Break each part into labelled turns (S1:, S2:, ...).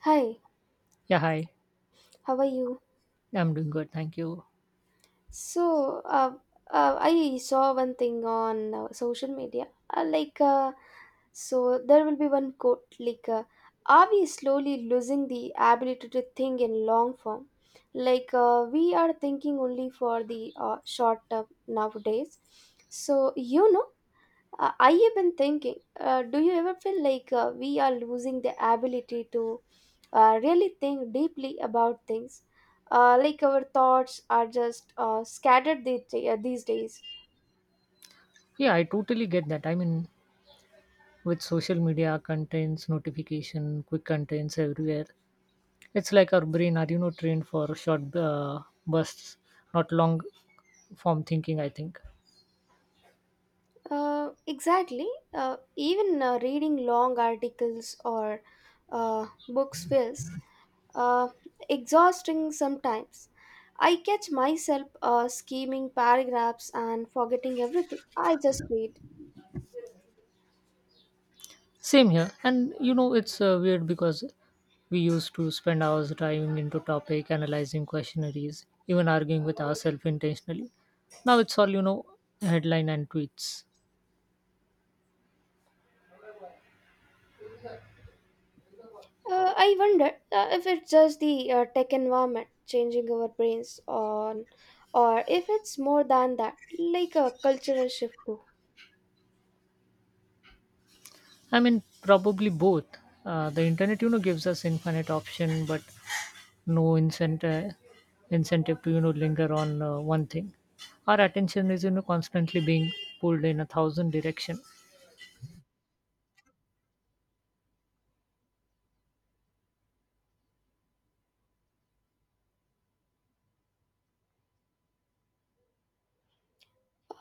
S1: Hi,
S2: Yeah, hi.
S1: how are you?
S2: I'm doing good. Thank you.
S1: So, I saw one thing on social media. So there will be one quote like, are we slowly losing the ability to think in long form? Like, we are thinking only for the short term nowadays. So, I have been thinking, do you ever feel like we are losing the ability to really think deeply about things? Like our thoughts are just scattered these days.
S2: Yeah, I totally get that. I mean, with social media contents, notification, quick contents everywhere, it's like our brain are, you know, trained for short bursts, not long form thinking, I think.
S1: Exactly. Even reading long articles or books feels uh, exhausting sometimes. I catch myself scheming paragraphs and forgetting everything I just read.
S2: Same here. And, you know, it's weird because we used to spend hours diving into topic, analyzing questionnaires, even arguing with ourselves intentionally. Now it's all, you know, headline and tweets.
S1: I wonder if it's just the tech environment changing our brains on, or if it's more than that, like a cultural shift too.
S2: I mean, probably both. The internet, you know, gives us infinite option, but no incentive to, you know, linger on one thing. Our attention is, you know, constantly being pulled in a thousand direction.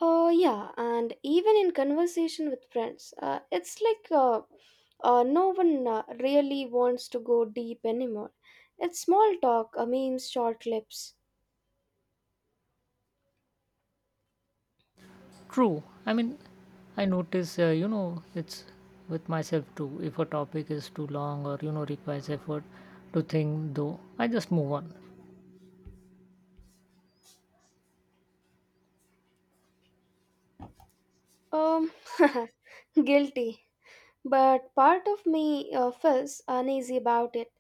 S1: Yeah, and even in conversation with friends, it's like no one really wants to go deep anymore. It's small talk, memes, short clips.
S2: True. I mean, I notice, you know, it's with myself too. If a topic is too long or you know requires effort to think, though, I just move on.
S1: Um, guilty. But part of me feels uneasy about it.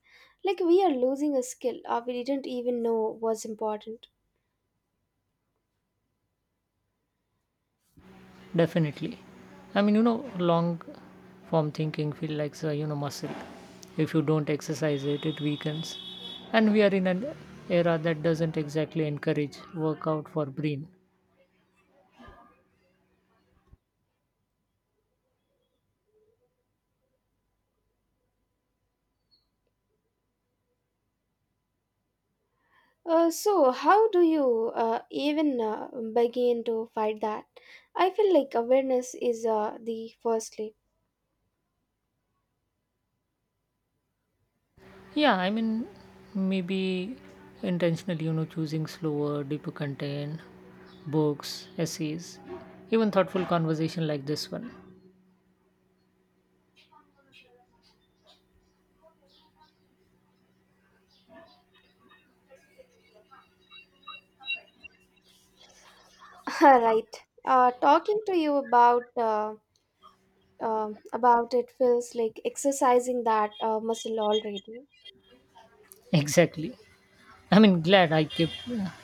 S1: Like we are losing a skill we didn't even know was important.
S2: Definitely. I mean, you know, long form thinking feel like a, you know, muscle. If you don't exercise it, it weakens. And we are in an era that doesn't exactly encourage workout for brain.
S1: So, how do you even begin to fight that? I feel like awareness is the first step.
S2: Yeah, I mean, maybe intentionally, you know, choosing slower, deeper content, books, essays, even thoughtful conversation like this one.
S1: Right. Talking to you about it feels like exercising that muscle already.
S2: Exactly. I mean, glad I kept,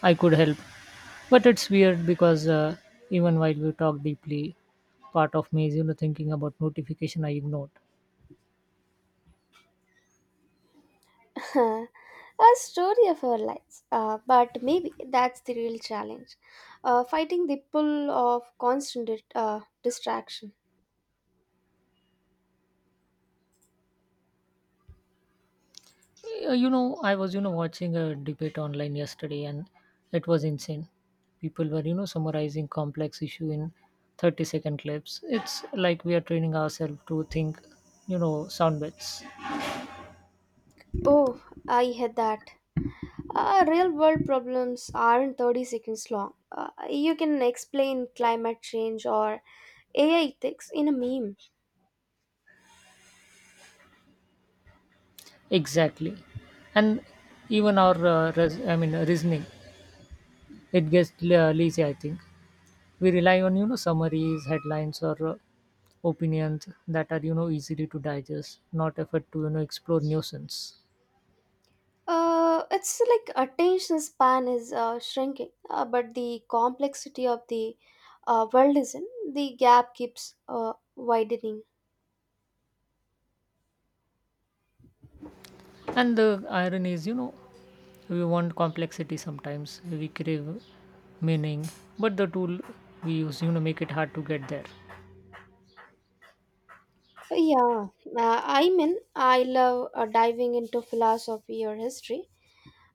S2: I could help. But it's weird because even while we talk deeply, part of me is, you know, thinking about notification I ignored.
S1: A story of our lives. But maybe that's the real challenge, fighting the pull of constant distraction.
S2: You know, I was, you know, watching a debate online yesterday, and it was insane. People were, you know, summarizing complex issue in 30-second clips. It's like we are training ourselves to think, you know, sound bites
S1: Oh, I had that. Real world problems aren't 30 seconds long. You can explain climate change or AI ethics in a meme.
S2: exactly, and even our reasoning it gets lazy. I think we rely on, you know, summaries, headlines, or opinions that are, you know, easily to digest not effort to, you know, explore nuisance.
S1: It's like attention span is shrinking, but the complexity of the world isn't. The gap keeps widening.
S2: And the irony is, you know, we want complexity sometimes we crave meaning but the tool we use, you know, make it hard to get there.
S1: Yeah, I mean, I love diving into philosophy or history.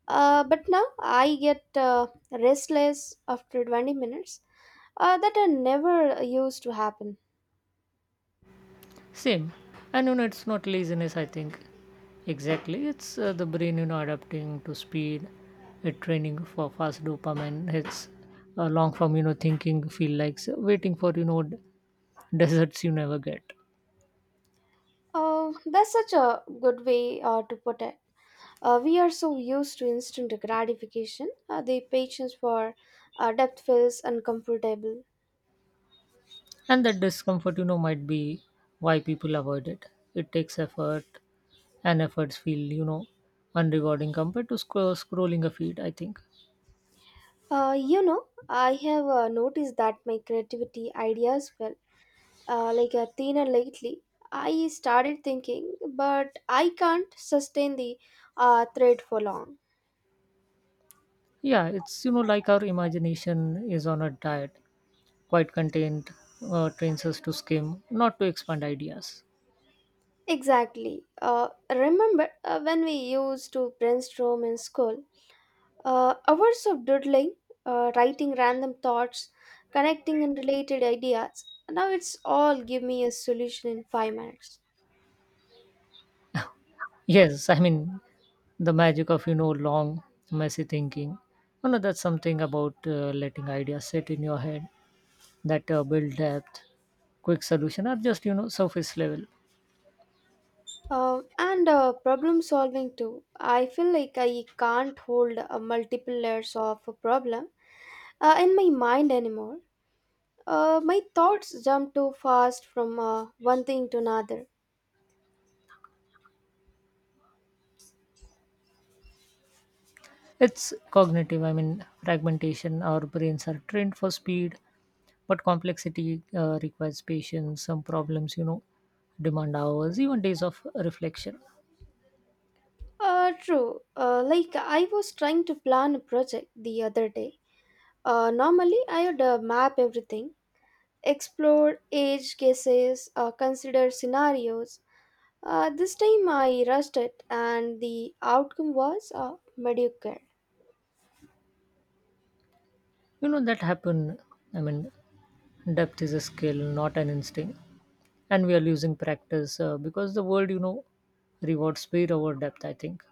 S1: But now I get restless after 20 minutes. That are never used to happen.
S2: Same. And you know it's not laziness, I think. Exactly, it's the brain, you know, adapting to speed. It training for fast dopamine. It's long form, you know, thinking feel like waiting for you know deserts you never get.
S1: That's such a good way to put it. We are so used to instant gratification. The patience for depth feels uncomfortable.
S2: And that discomfort, you know, might be why people avoid it. It takes effort, and efforts feel, you know, unrewarding compared to scrolling a feed, I think.
S1: You know, I have noticed that my creativity ideas well. Like Athena lately, I started thinking, but I can't sustain the thread for long.
S2: Yeah, it's, you know, like our imagination is on a diet. Quite content trains us to skim not to expand ideas.
S1: Exactly. Remember when we used to brainstorm in school? Hours of doodling, writing random thoughts, connecting unrelated ideas. Now it's all, give me a solution in 5 minutes.
S2: Yes, I mean the magic of, you know, long messy thinking, you know, that's something about letting ideas sit in your head that build depth. Quick solution or just, you know, surface level.
S1: And problem solving too. I feel like I can't hold multiple layers of a problem in my mind anymore. My thoughts jump too fast from one thing to another.
S2: It's cognitive, I mean, fragmentation. Our brains are trained for speed, but complexity requires patience. Some problems, you know, demand hours, even days of reflection.
S1: True. Like I was trying to plan a project the other day. Normally, I would map everything, explore edge cases, consider scenarios. This time I rushed it, and the outcome was mediocre.
S2: You know, that happen. I mean, depth is a skill, not an instinct. And we are losing practice because the world, you know, rewards speed over depth, I think.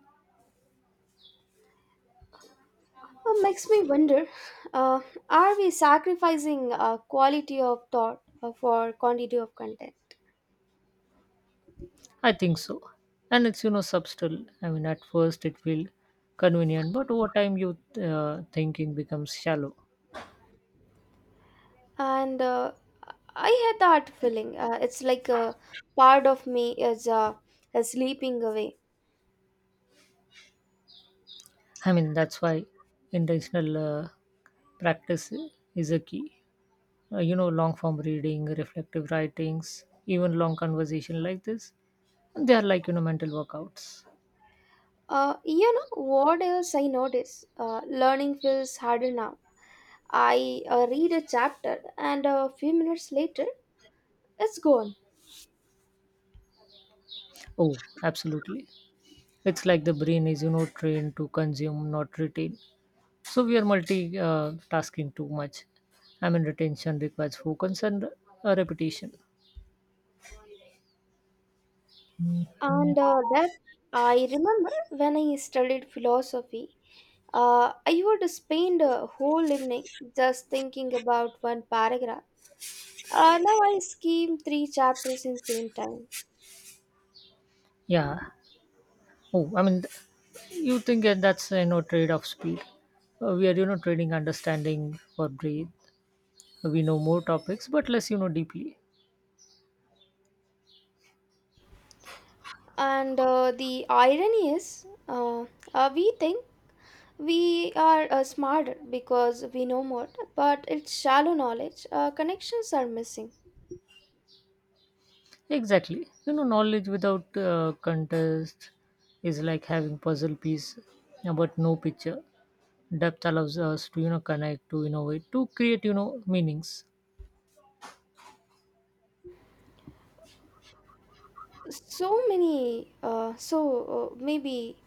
S1: Makes me wonder: uh, Are we sacrificing quality of thought for quantity of content?
S2: I think so. And it's, you know, subtle. I mean, at first it feels convenient, but over time, you thinking becomes shallow.
S1: And I had that feeling, it's like a part of me is sleeping away.
S2: I mean, that's why intentional practice is a key. You know, long form reading, reflective writings, even long conversation like this, they are like, you know, mental workouts.
S1: You know what else I notice, learning feels harder now. I read a chapter and a few minutes later it's gone.
S2: Oh, absolutely. It's like the brain is, you know, trained to consume, not retain. So we are multi tasking too much. I mean, retention requires focus and repetition.
S1: And that I remember, when I studied philosophy, I would spend a whole evening just thinking about one paragraph. Now I skim three chapters in same time.
S2: Yeah. Oh, I mean, you think that's, you know, trade of speed. We are, you know, trading understanding for breathe. We know more topics but less, you know, deeply.
S1: And the irony is, we think we are smarter because we know more, but it's shallow knowledge. Connections are missing.
S2: Exactly, you know, knowledge without contest is like having puzzle piece but no picture. Depth allows us to, you know, connect to innovate to create, you know, meanings.
S1: So many, so maybe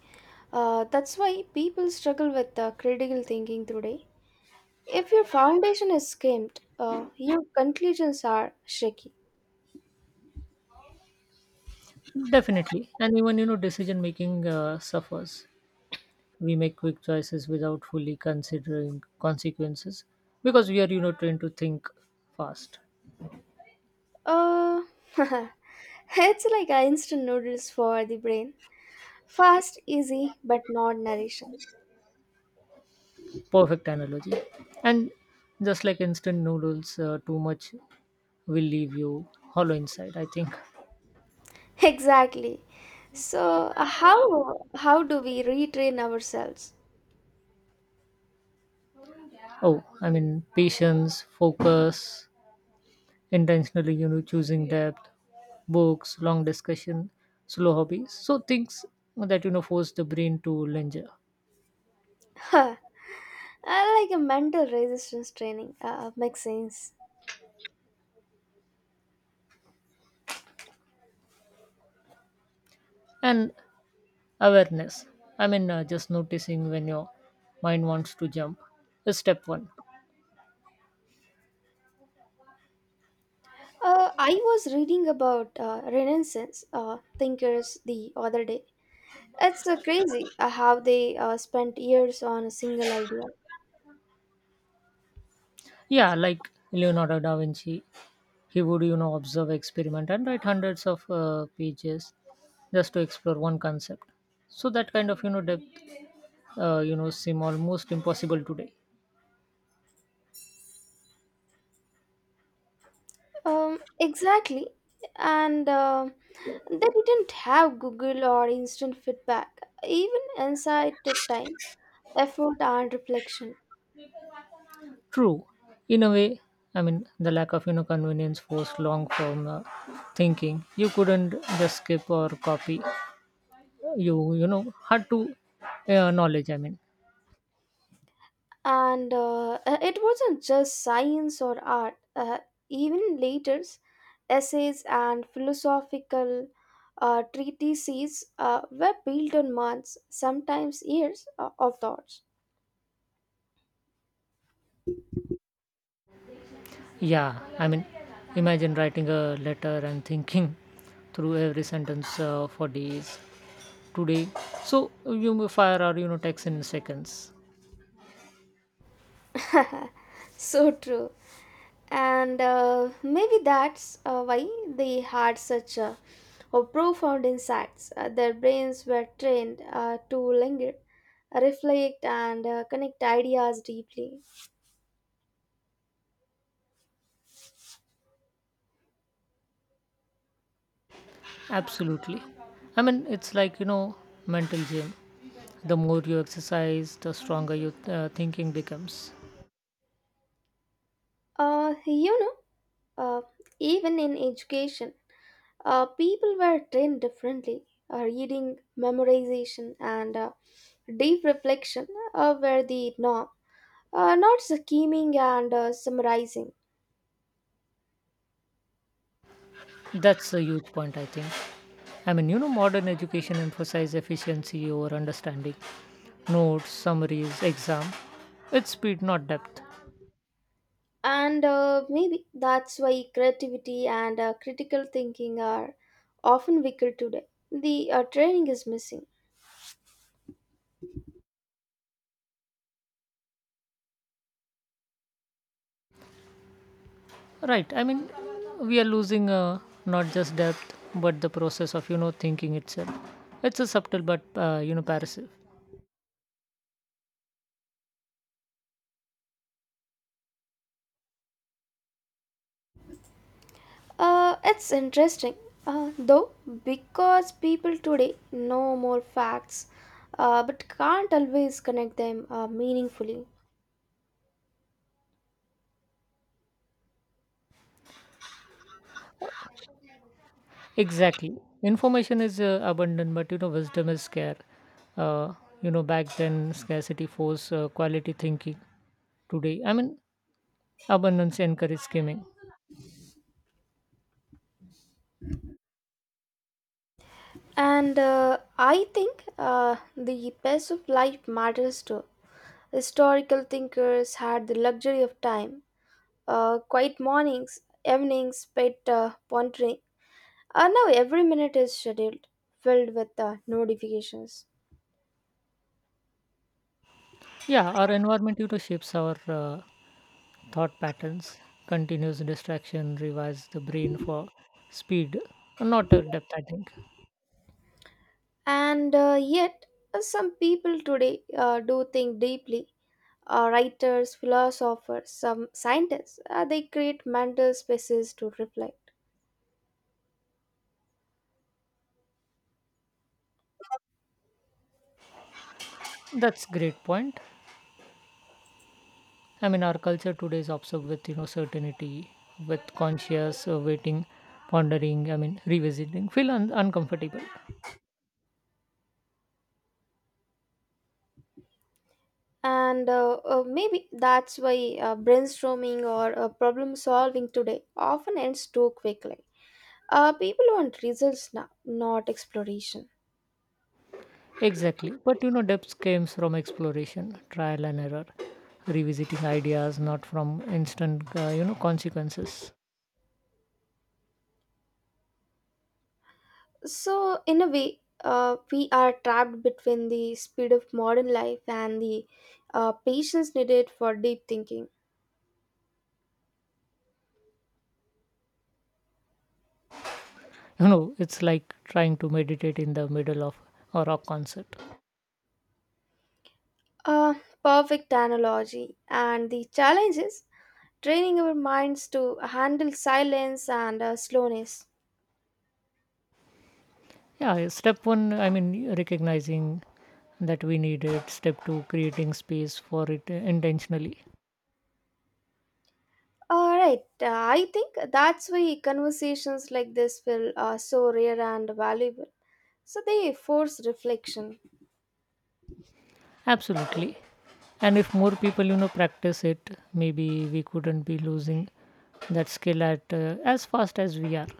S1: that's why people struggle with critical thinking today. If your foundation is skimmed, your conclusions are shaky.
S2: Definitely, and even, you know, decision making suffers. We make quick choices without fully considering consequences because we are, you know, trained to think fast.
S1: Uh, it's like a instant noodles for the brain. Fast, easy, but not nourishing.
S2: Perfect analogy. And just like instant noodles too much will leave you hollow inside, I think.
S1: Exactly. So how do we retrain ourselves?
S2: Oh, I mean patience focus intentionally, you know, choosing depth, books, long discussion, slow hobbies so things that, you know, force the brain to linger.
S1: Huh. I like a mental resistance training. Makes sense.
S2: And awareness, I mean just noticing when your mind wants to jump is step one.
S1: I was reading about Renaissance thinkers the other day. It's crazy how they spent years on a single idea.
S2: Yeah, like Leonardo da Vinci, he would, you know, observe experiment and write hundreds of pages just to explore one concept. So that kind of, you know, depth you know seem almost impossible today.
S1: Exactly, and they didn't have Google or instant feedback. Even insight took time, effort, and reflection.
S2: True, in a way, I mean the lack of, you know, convenience forced long form thinking. You couldn't just skip or copy. You know had to knowledge, I mean.
S1: And it wasn't just science or art, even later's essays and philosophical treatises were built on months, sometimes years of thoughts.
S2: Yeah, I mean imagine writing a letter and thinking through every sentence for days. Today, so you may fire or, you know, text in seconds.
S1: So true, and maybe that's why they had such a or profound insights. Their brains were trained to linger, reflect, and connect ideas deeply.
S2: Absolutely, I mean it's like, you know, mental gym. The more you exercise the stronger your thinking becomes.
S1: You know, Uh, even in education, people were trained differently. Reading, memorization, and deep reflection were the norm, not scheming and summarizing.
S2: That's a huge point, I think. I mean, you know, modern education emphasizes efficiency over understanding. Notes, summaries, exam. It's speed not depth.
S1: And maybe that's why creativity and critical thinking are often weaker today. The training is missing.
S2: Right, I mean we are losing not just depth but the process of, you know, thinking itself. It's a subtle but you know passive.
S1: It's interesting, though, because people today know more facts but can't always connect them meaningfully.
S2: Exactly, information is abundant but, you know, wisdom is scarce. uh, you know back then scarcity forced quality thinking. Today, I mean, abundance encourages gaming.
S1: And I think the pace of life matters too. Historical thinkers had the luxury of time, quiet mornings, evenings spent pondering. Now every minute is scheduled, filled with notifications.
S2: Yeah, our environment, you know, shapes our thought patterns. Continuous distraction revives the brain for speed, not depth, I think.
S1: And yet, some people today do think deeply. Writers, philosophers, some scientists, they create mental spaces to reflect.
S2: That's great point. I mean, our culture today is obsessed with, you know, certainty, with conscious waiting, pondering. I mean, revisiting. Feel uncomfortable.
S1: And maybe that's why brainstorming or problem solving today often ends too quickly. People want results now, not exploration.
S2: Exactly, but you know, depth comes from exploration, trial and error, revisiting ideas, not from instant you know consequences.
S1: So, in a way, we are trapped between the speed of modern life and the patience needed for deep thinking.
S2: You know, it's like trying to meditate in the middle of a rock concert.
S1: A perfect analogy. And the challenge is training our minds to handle silence and slowness.
S2: Yeah, step one I mean recognizing that we need it. Step two creating space for it intentionally.
S1: All right, I think that's why conversations like this feel so rare and valuable. So they force reflection.
S2: Absolutely, and if more people, you know, practice it maybe we couldn't be losing that skill at as fast as we are.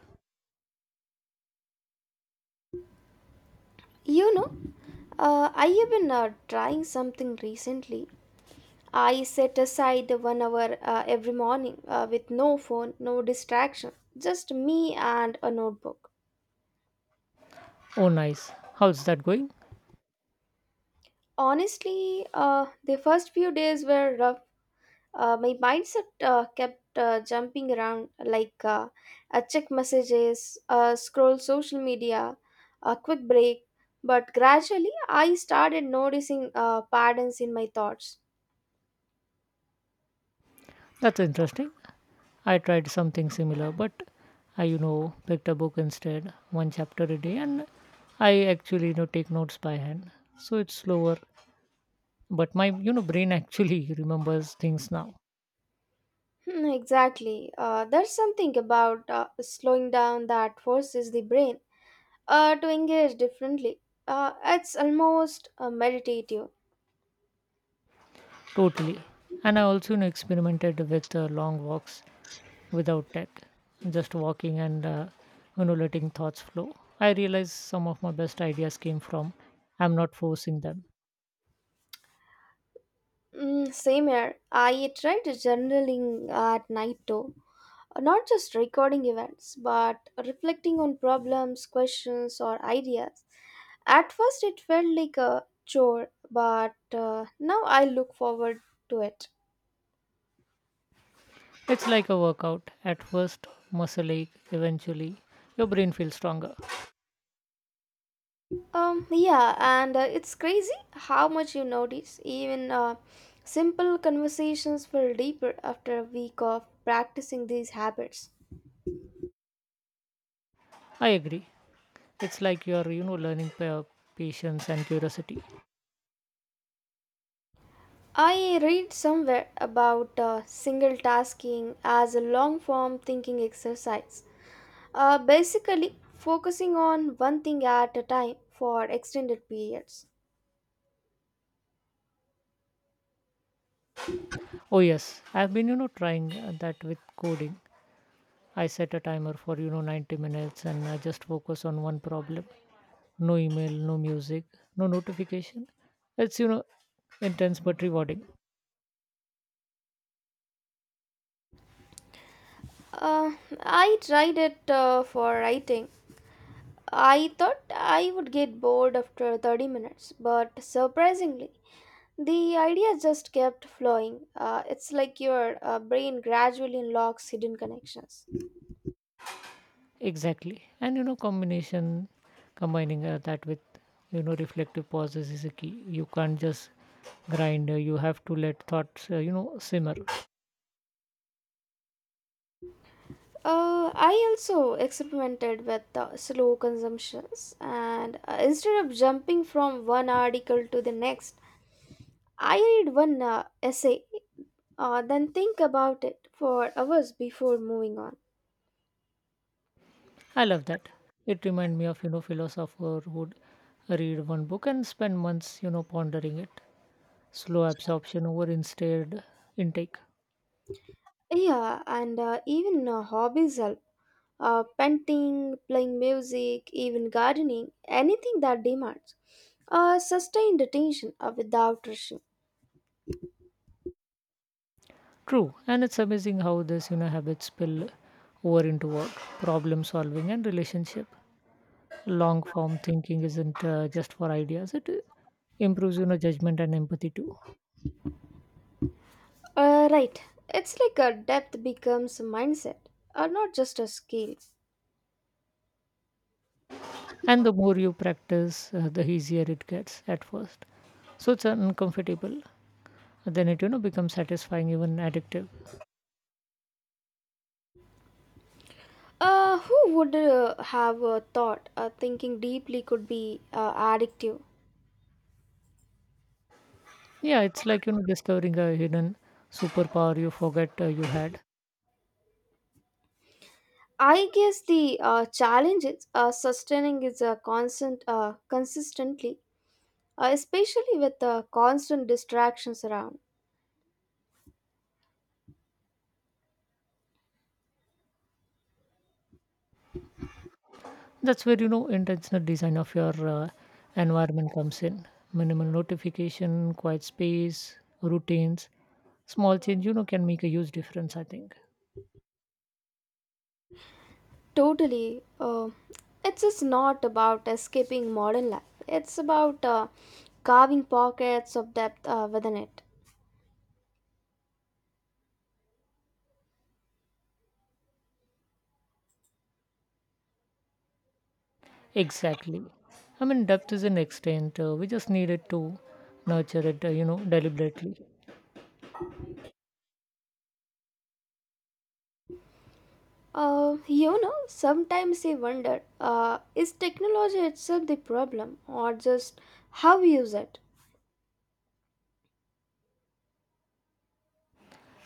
S1: You know, I have been trying something recently. I set aside 1 hour every morning with no phone, no distraction, just me and a notebook.
S2: Oh nice, how's that going?
S1: Honestly, the first few days were rough. My mindset kept jumping around, like, I check messages, scroll social media, a quick break. But gradually, I started noticing patterns in my thoughts.
S2: That's interesting. I tried something similar, but I, you know, picked a book instead, one chapter a day, and I actually, you know, take notes by hand. So it's slower, but my, you know, brain actually remembers things now.
S1: Hmm, exactly. There's something about slowing down that forces the brain to engage differently. It's almost meditative.
S2: Totally. And I also, you know, experimented with long walks without tech, just walking and, you know, letting thoughts flow. I realized some of my best ideas came from I'm not forcing them.
S1: Mm, same here. I tried journaling at night too. Not just recording events, but reflecting on problems, questions, or ideas. At first, it felt like a chore, but now I look forward to it.
S2: It's like a workout. At first, muscle ache, eventually, your brain feels stronger.
S1: Yeah, and it's crazy how much you notice. Even simple conversations feel deeper after a week of practicing these habits.
S2: I agree. It's like you are, you know, learning patience and curiosity.
S1: I read somewhere about single tasking as a long form thinking exercise. Basically, focusing on one thing at a time for extended periods.
S2: Oh yes, I've been, you know, trying that with coding. I set a timer for, you know, 90 minutes and I just focus on one problem. No email, no music, no notification. It's, you know, intense but rewarding.
S1: Uh, I tried it for writing. I thought I would get bored after 30 minutes, but surprisingly, the idea just kept flowing. It's like your brain gradually unlocks hidden connections.
S2: Exactly. And, you know, combining that with, you know, reflective pauses is a key. You can't just grind. You have to let thoughts, you know, simmer.
S1: I also experimented with slow consumptions, and instead of jumping from one article to the next, I read one essay, then think about it for hours before moving on.
S2: I love that. It reminds me of, you know, philosopher who would read one book and spend months, you know, pondering it. Slow absorption over instead intake.
S1: Yeah, and even hobbies help. Painting, playing music, even gardening, anything that demands sustained attention without rushing.
S2: True. And it's amazing how this, you know, habits spill over into work, problem solving and relationship. Long form thinking isn't just for ideas. It improves, you know, judgment and empathy too.
S1: Right, it's like a depth becomes a mindset, not just a skill.
S2: And the more you practice, the easier it gets at first. So it's uncomfortable. Then it, you know, becomes satisfying, even addictive.
S1: Who would have thought thinking deeply could be addictive?
S2: Yeah, it's, like you know, discovering a hidden superpower you forget you had.
S1: I guess the challenge is sustaining is consistently, especially with constant distractions around.
S2: That's where, you know, intentional design of your environment comes in. Minimal notification, quiet space, routines, small change, you know, can make a huge difference, I think.
S1: Totally, it's just not about escaping modern life. It's about carving pockets of depth within it.
S2: Exactly. I mean depth is an extent. We just need it to nurture it, you know, deliberately.
S1: You know, sometimes I wonder, is technology itself the problem or just how we use it?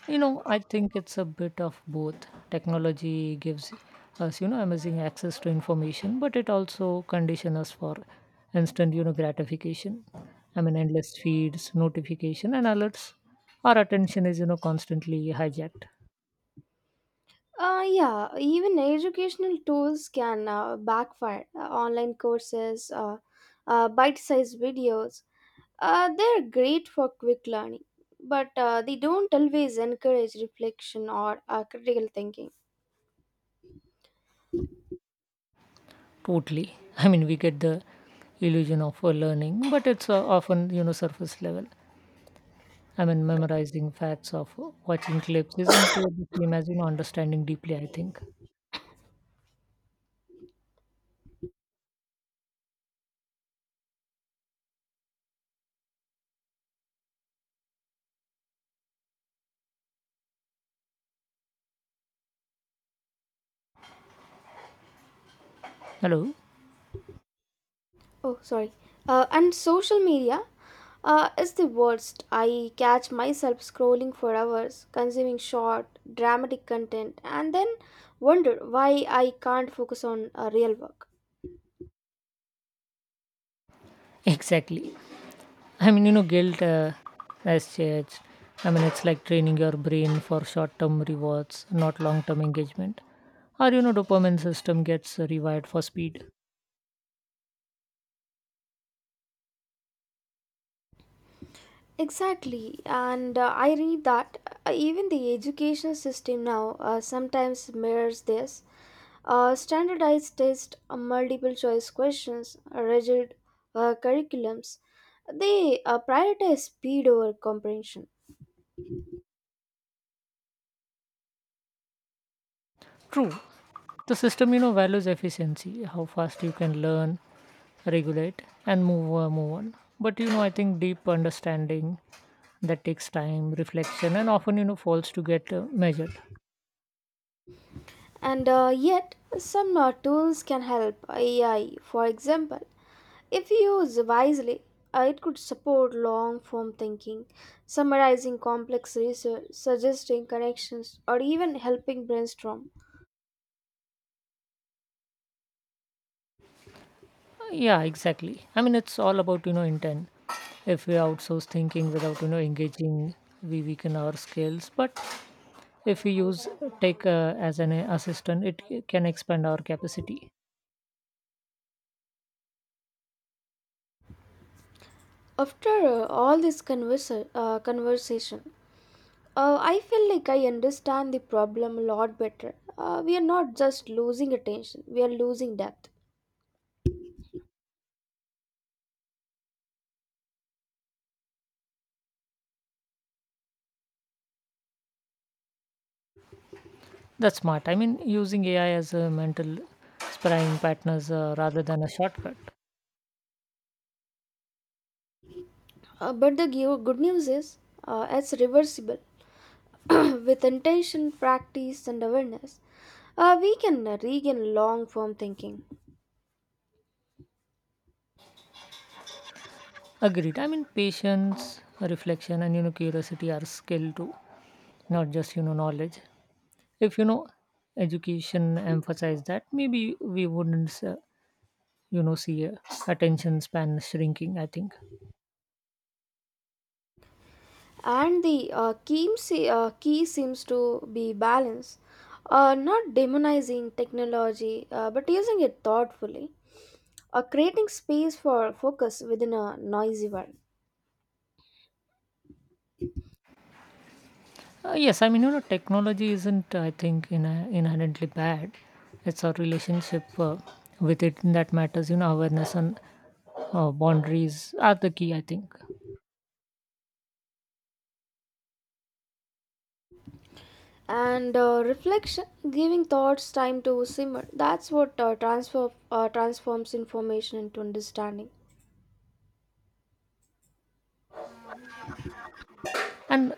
S2: You know, I think it's a bit of both. Technology gives us, you know, amazing access to information, but it also conditions us for instant, you know, gratification. I mean, endless feeds, notification, and alerts. Our attention is, you know, constantly hijacked.
S1: Yeah, even educational tools can backfire. Online courses, bite sized videos, they're great for quick learning, but they don't always encourage reflection or critical thinking.
S2: Totally. I mean, we get the illusion of learning, but it's often, you know, surface level. I mean, memorizing facts of watching clips isn't the same as, you know, understanding deeply, I think. Hello?
S1: Oh, sorry. And social media, it's the worst. I catch myself scrolling for hours, consuming short, dramatic content, and then wonder why I can't focus on real work.
S2: Exactly. I mean, you know, guilt as such. I mean, it's like training your brain for short-term rewards, not long-term engagement. Or you know, dopamine system gets rewired for speed.
S1: Exactly, and I read that even the education system now sometimes mirrors this. Standardized tests, multiple choice questions, rigid curriculums, they prioritize speed over comprehension.
S2: True, the system, you know, values efficiency, how fast you can learn, regulate, and move on. But you know, I think deep understanding that takes time, reflection, and often, you know, falls to get measured.
S1: And yet, some tools can help AI. For example, if used wisely, it could support long form thinking, summarizing complex research, suggesting connections, or even helping brainstorm.
S2: Yeah, exactly. I mean, it's all about, you know, intent. If we outsource thinking without, you know, engaging, we weaken our skills. But if we use tech as an assistant, it can expand our capacity.
S1: After all this conversation, I feel like I understand the problem a lot better. We are not just losing attention, we are losing depth.
S2: That's smart. I mean, using AI as a mental sparring partners rather than a shortcut.
S1: But the good news is, it's reversible. With intention, practice, and awareness, we can regain long form thinking.
S2: Agreed. I mean, patience, reflection, and, you know, curiosity are skill too, not just, you know, knowledge. If you know education emphasize that, maybe we wouldn't. You know see attention span shrinking, I think.
S1: And the key seems to be balance, not demonizing technology, but using it thoughtfully, creating space for focus within a noisy world.
S2: Yes, I mean, you know, technology isn't, I think, in inherently bad. It's our relationship with it that matters. You know, awareness and boundaries are the key, I think.
S1: And reflection, giving thoughts time to simmer, that's what transforms information into understanding.
S2: And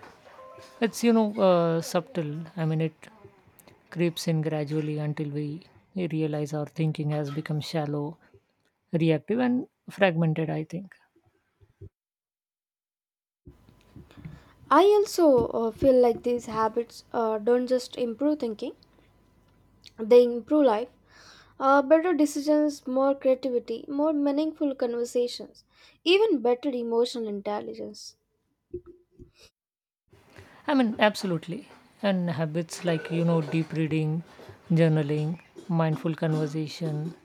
S2: it's, you know, subtle, I mean it creeps in gradually until we realize our thinking has become shallow, reactive and fragmented, I think.
S1: I also feel like these habits don't just improve thinking, they improve life. Better decisions, more creativity, more meaningful conversations, even better emotional intelligence.
S2: I mean, absolutely. And habits like, you know, deep reading, journaling, mindful conversation,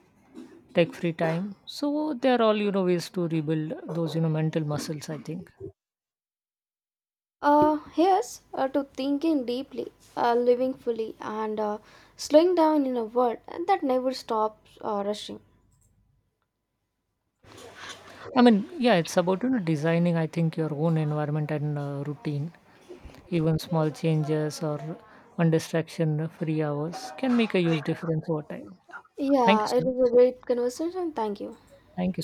S2: tech free time. So they're all, you know, ways to rebuild those, you know, mental muscles, I think.
S1: Here's to thinking deeply, living fully, and slowing down in a world that never stops rushing.
S2: I mean, yeah, it's about, you know, designing, I think, your own environment and routine. Even small changes or one distraction free hours can make a huge difference over time. Thank you
S1: Yeah, it
S2: so
S1: was
S2: much.
S1: a great conversation. Thank you.
S2: Thank you. So.